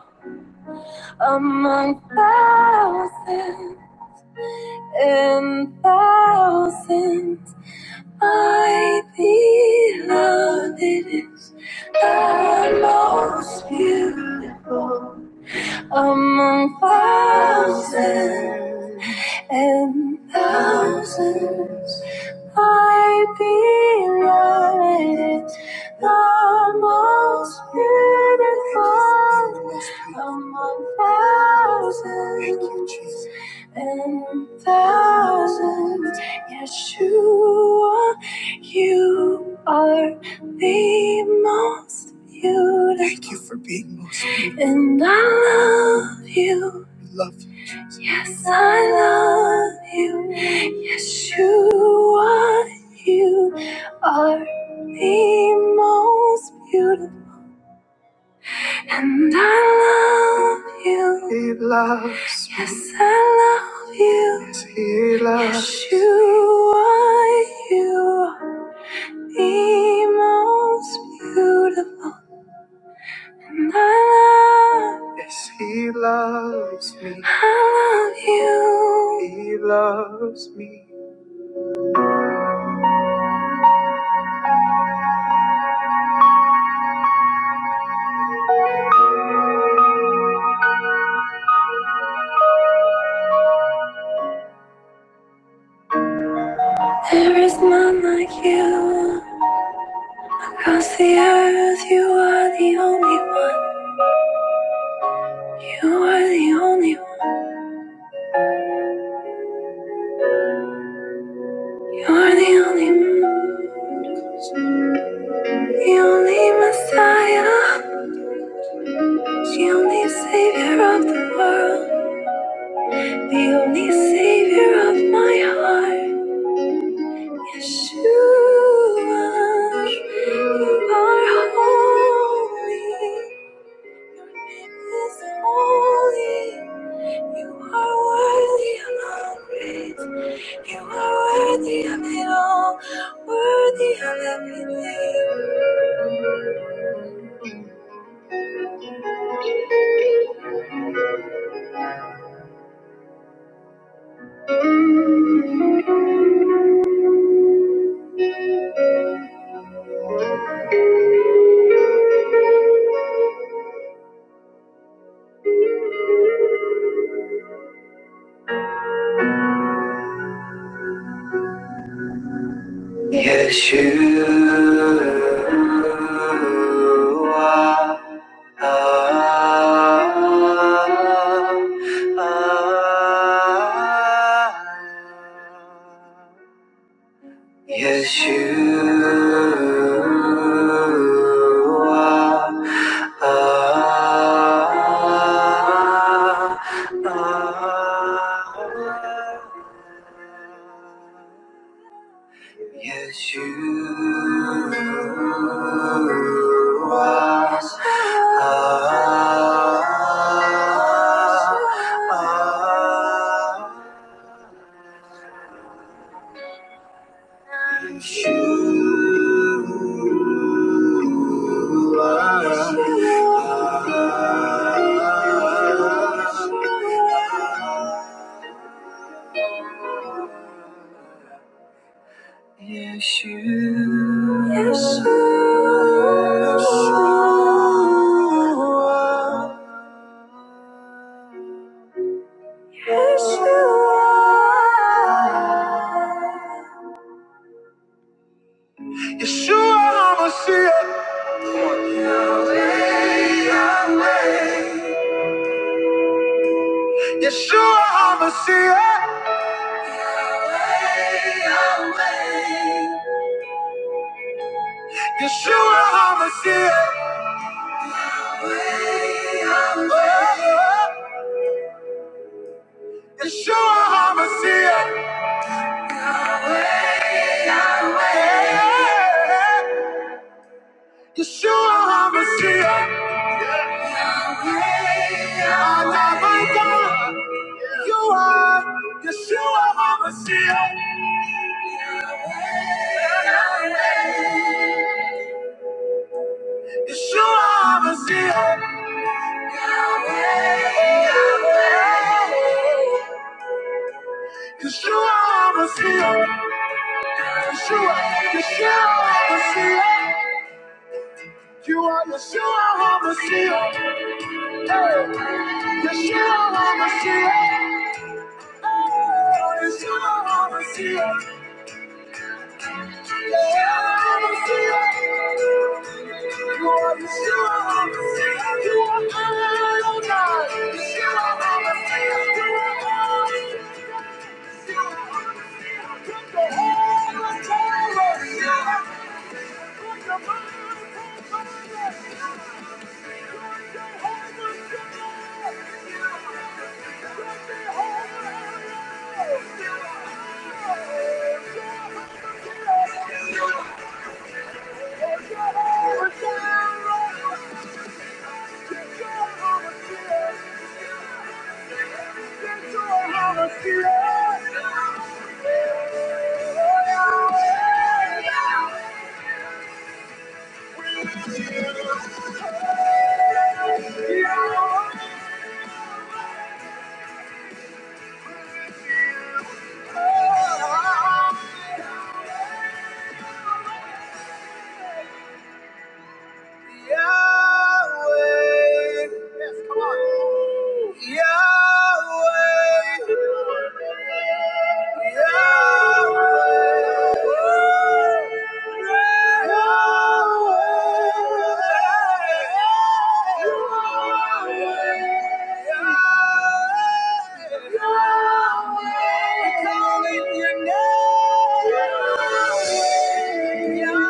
Speaker 1: among thousands and thousands. My beloved is the most beautiful among thousands and thousands. I believe it's the most beautiful among thousands and thousands. Yeshua, you are the most beautiful, and I love you. Yes, I love you. Yeshua, you are the most beautiful. And I love you. He loves. Yes, I love you. Yes, he loves. Yeshua, you are the most beautiful. And I love you. You are the only one. You are the only one. You are the only one. The only Messiah, the only Savior of the world, the only Savior of my heart. Yeshua, you are holy. Your name is holy. You are worthy of all praise. You are worthy of it all, worthy of everything. Yeshua. Ah, ah, ah. Yeshua. Ah, ah, ah. Yeshua. Yeshua HaMashiach, Yeshua HaMashiach, Yeshua HaMashiach, Yeshua HaMashiach, Yeshua HaMashiach. I love my God, you are Yeshua HaMashiach. Yeshua HaMashiach. Yeshua, Messiah. Yeshua, Yeshua, Messiah. You are Yeshua, Messiah. Hey, Yeshua, You are, Yeshua, Messiah. Yeah, Messiah. You are cause you are Yeshua, Messiah. You are Elyon God. Yeshua, Messiah. You are oh God. Cause You are Elyon. Yeah. Yeah. Yahweh. Yes, come on. Yahweh. Yahweh. Yahweh. Yahweh. Yahweh. We call in your name. Yeah.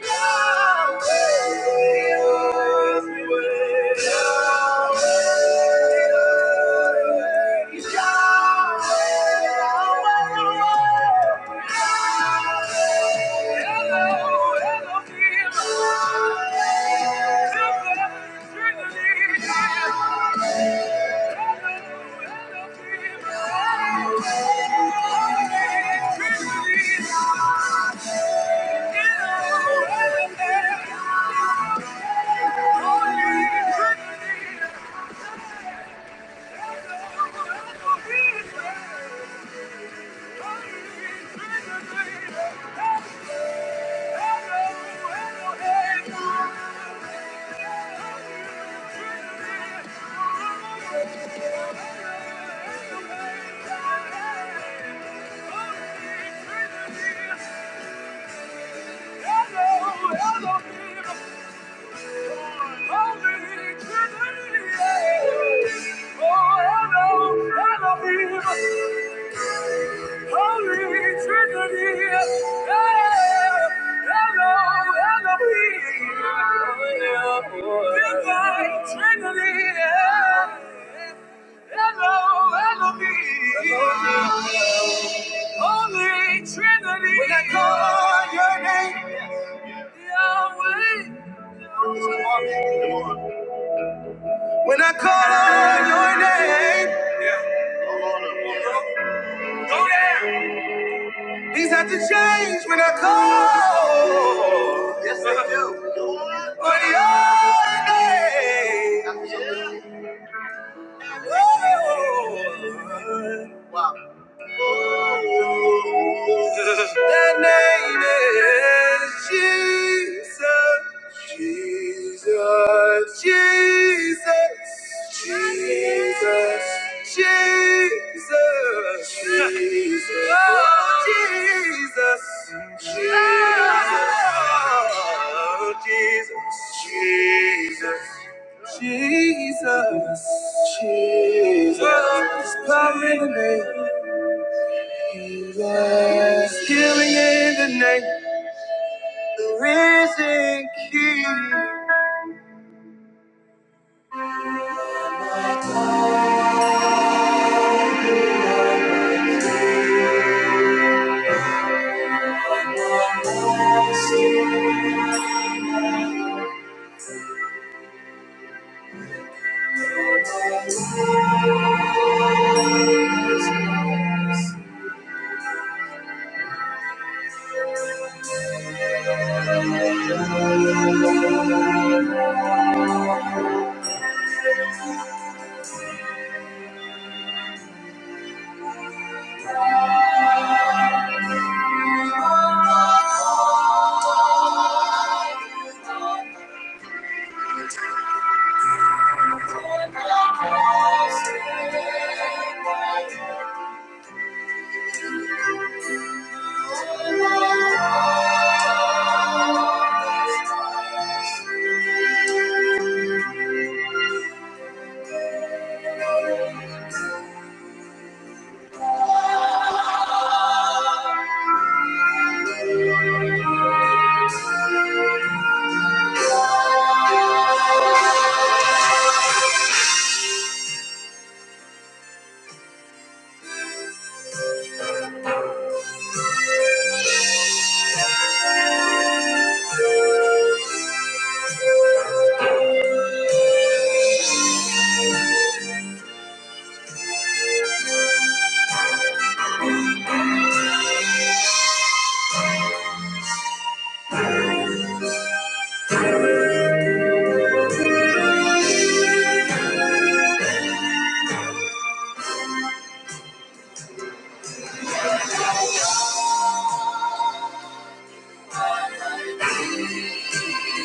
Speaker 1: Hello, hello, dear. Thank you. Hello, hello, people. Trinity, Hello, Elohim. Hello, Holy Trinity. When I call your name, Yahweh. When I call your name, things have to change when I call. Yes, they do. But your name. oh, That name is Jesus. Jesus. Jesus. Jesus. Jesus. Jesus. Oh, Jesus. Jesus. Oh, Jesus. Jesus. Jesus. Jesus. Jesus. Power in the name. There's Healing in the name, the risen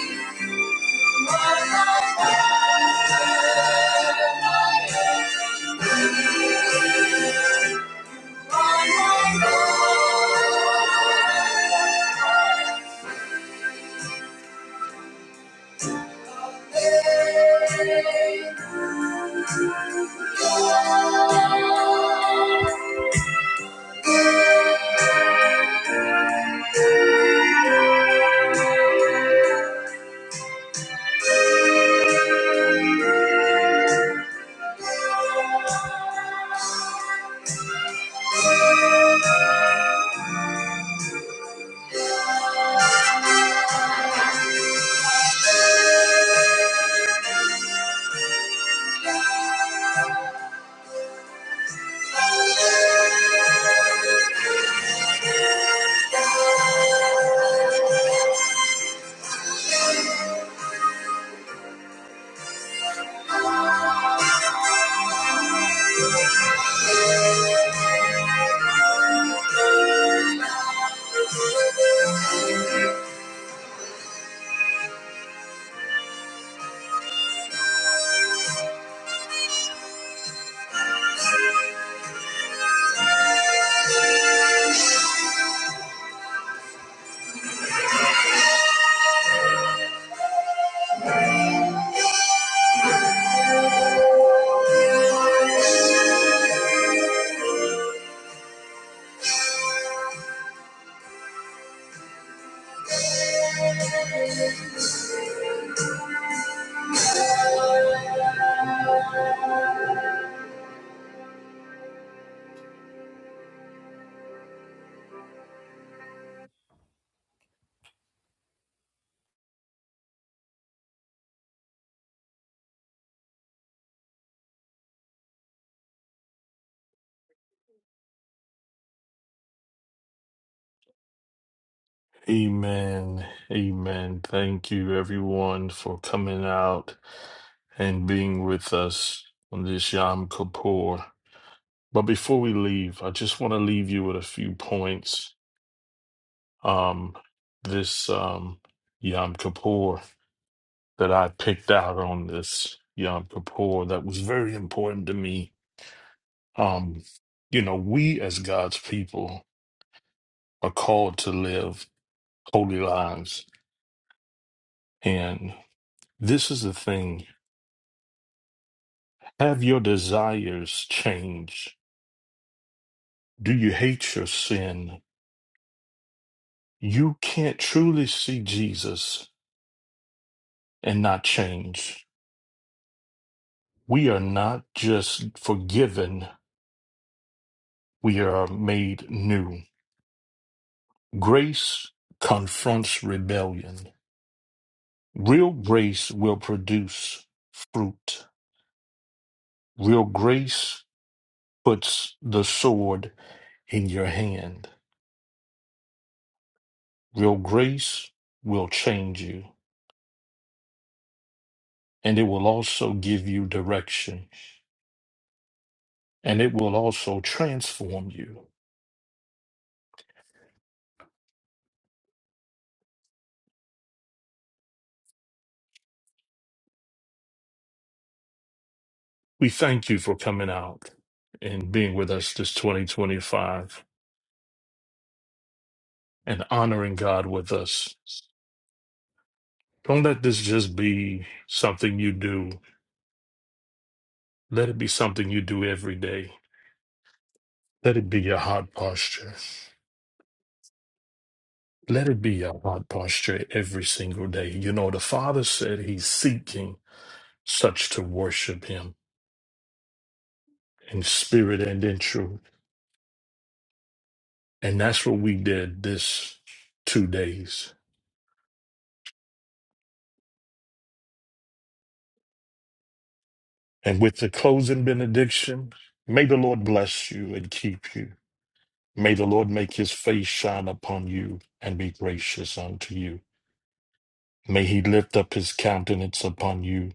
Speaker 1: King. Thank you.
Speaker 9: Amen. Amen. Thank you, everyone, for coming out and being with us on this Yom Kippur. But before we leave, I just want to leave you with a few points. Um, this um, Yom Kippur that I picked out on this Yom Kippur that was very important to me. Um, you know, we as God's people are called to live holy lives, and this is the thing Have your desires change? Do you hate your sin? You can't truly see Jesus and not change. We are not just forgiven, we are made new. Grace confronts rebellion. Real grace will produce fruit. Real grace puts the sword in your hand. Real grace will change you, and it will also give you direction. and it will also transform you. We thank you for coming out and being with us this 2025 and honoring God with us. Don't let this just be something you do. Let it be something you do every day. Let it be your heart posture. Let it be your heart posture every single day. You know, the Father said He's seeking such to worship Him in spirit and in truth. And that's what we did this two days. And with the closing benediction, may the Lord bless you and keep you. May the Lord make his face shine upon you and be gracious unto you. May he lift up his countenance upon you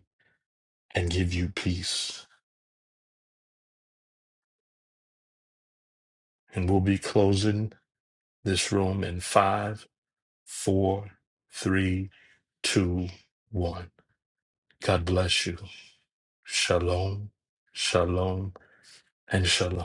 Speaker 9: and give you peace. And we'll be closing this room in five, four, three, two, one. God bless you. Shalom, shalom, and shalom.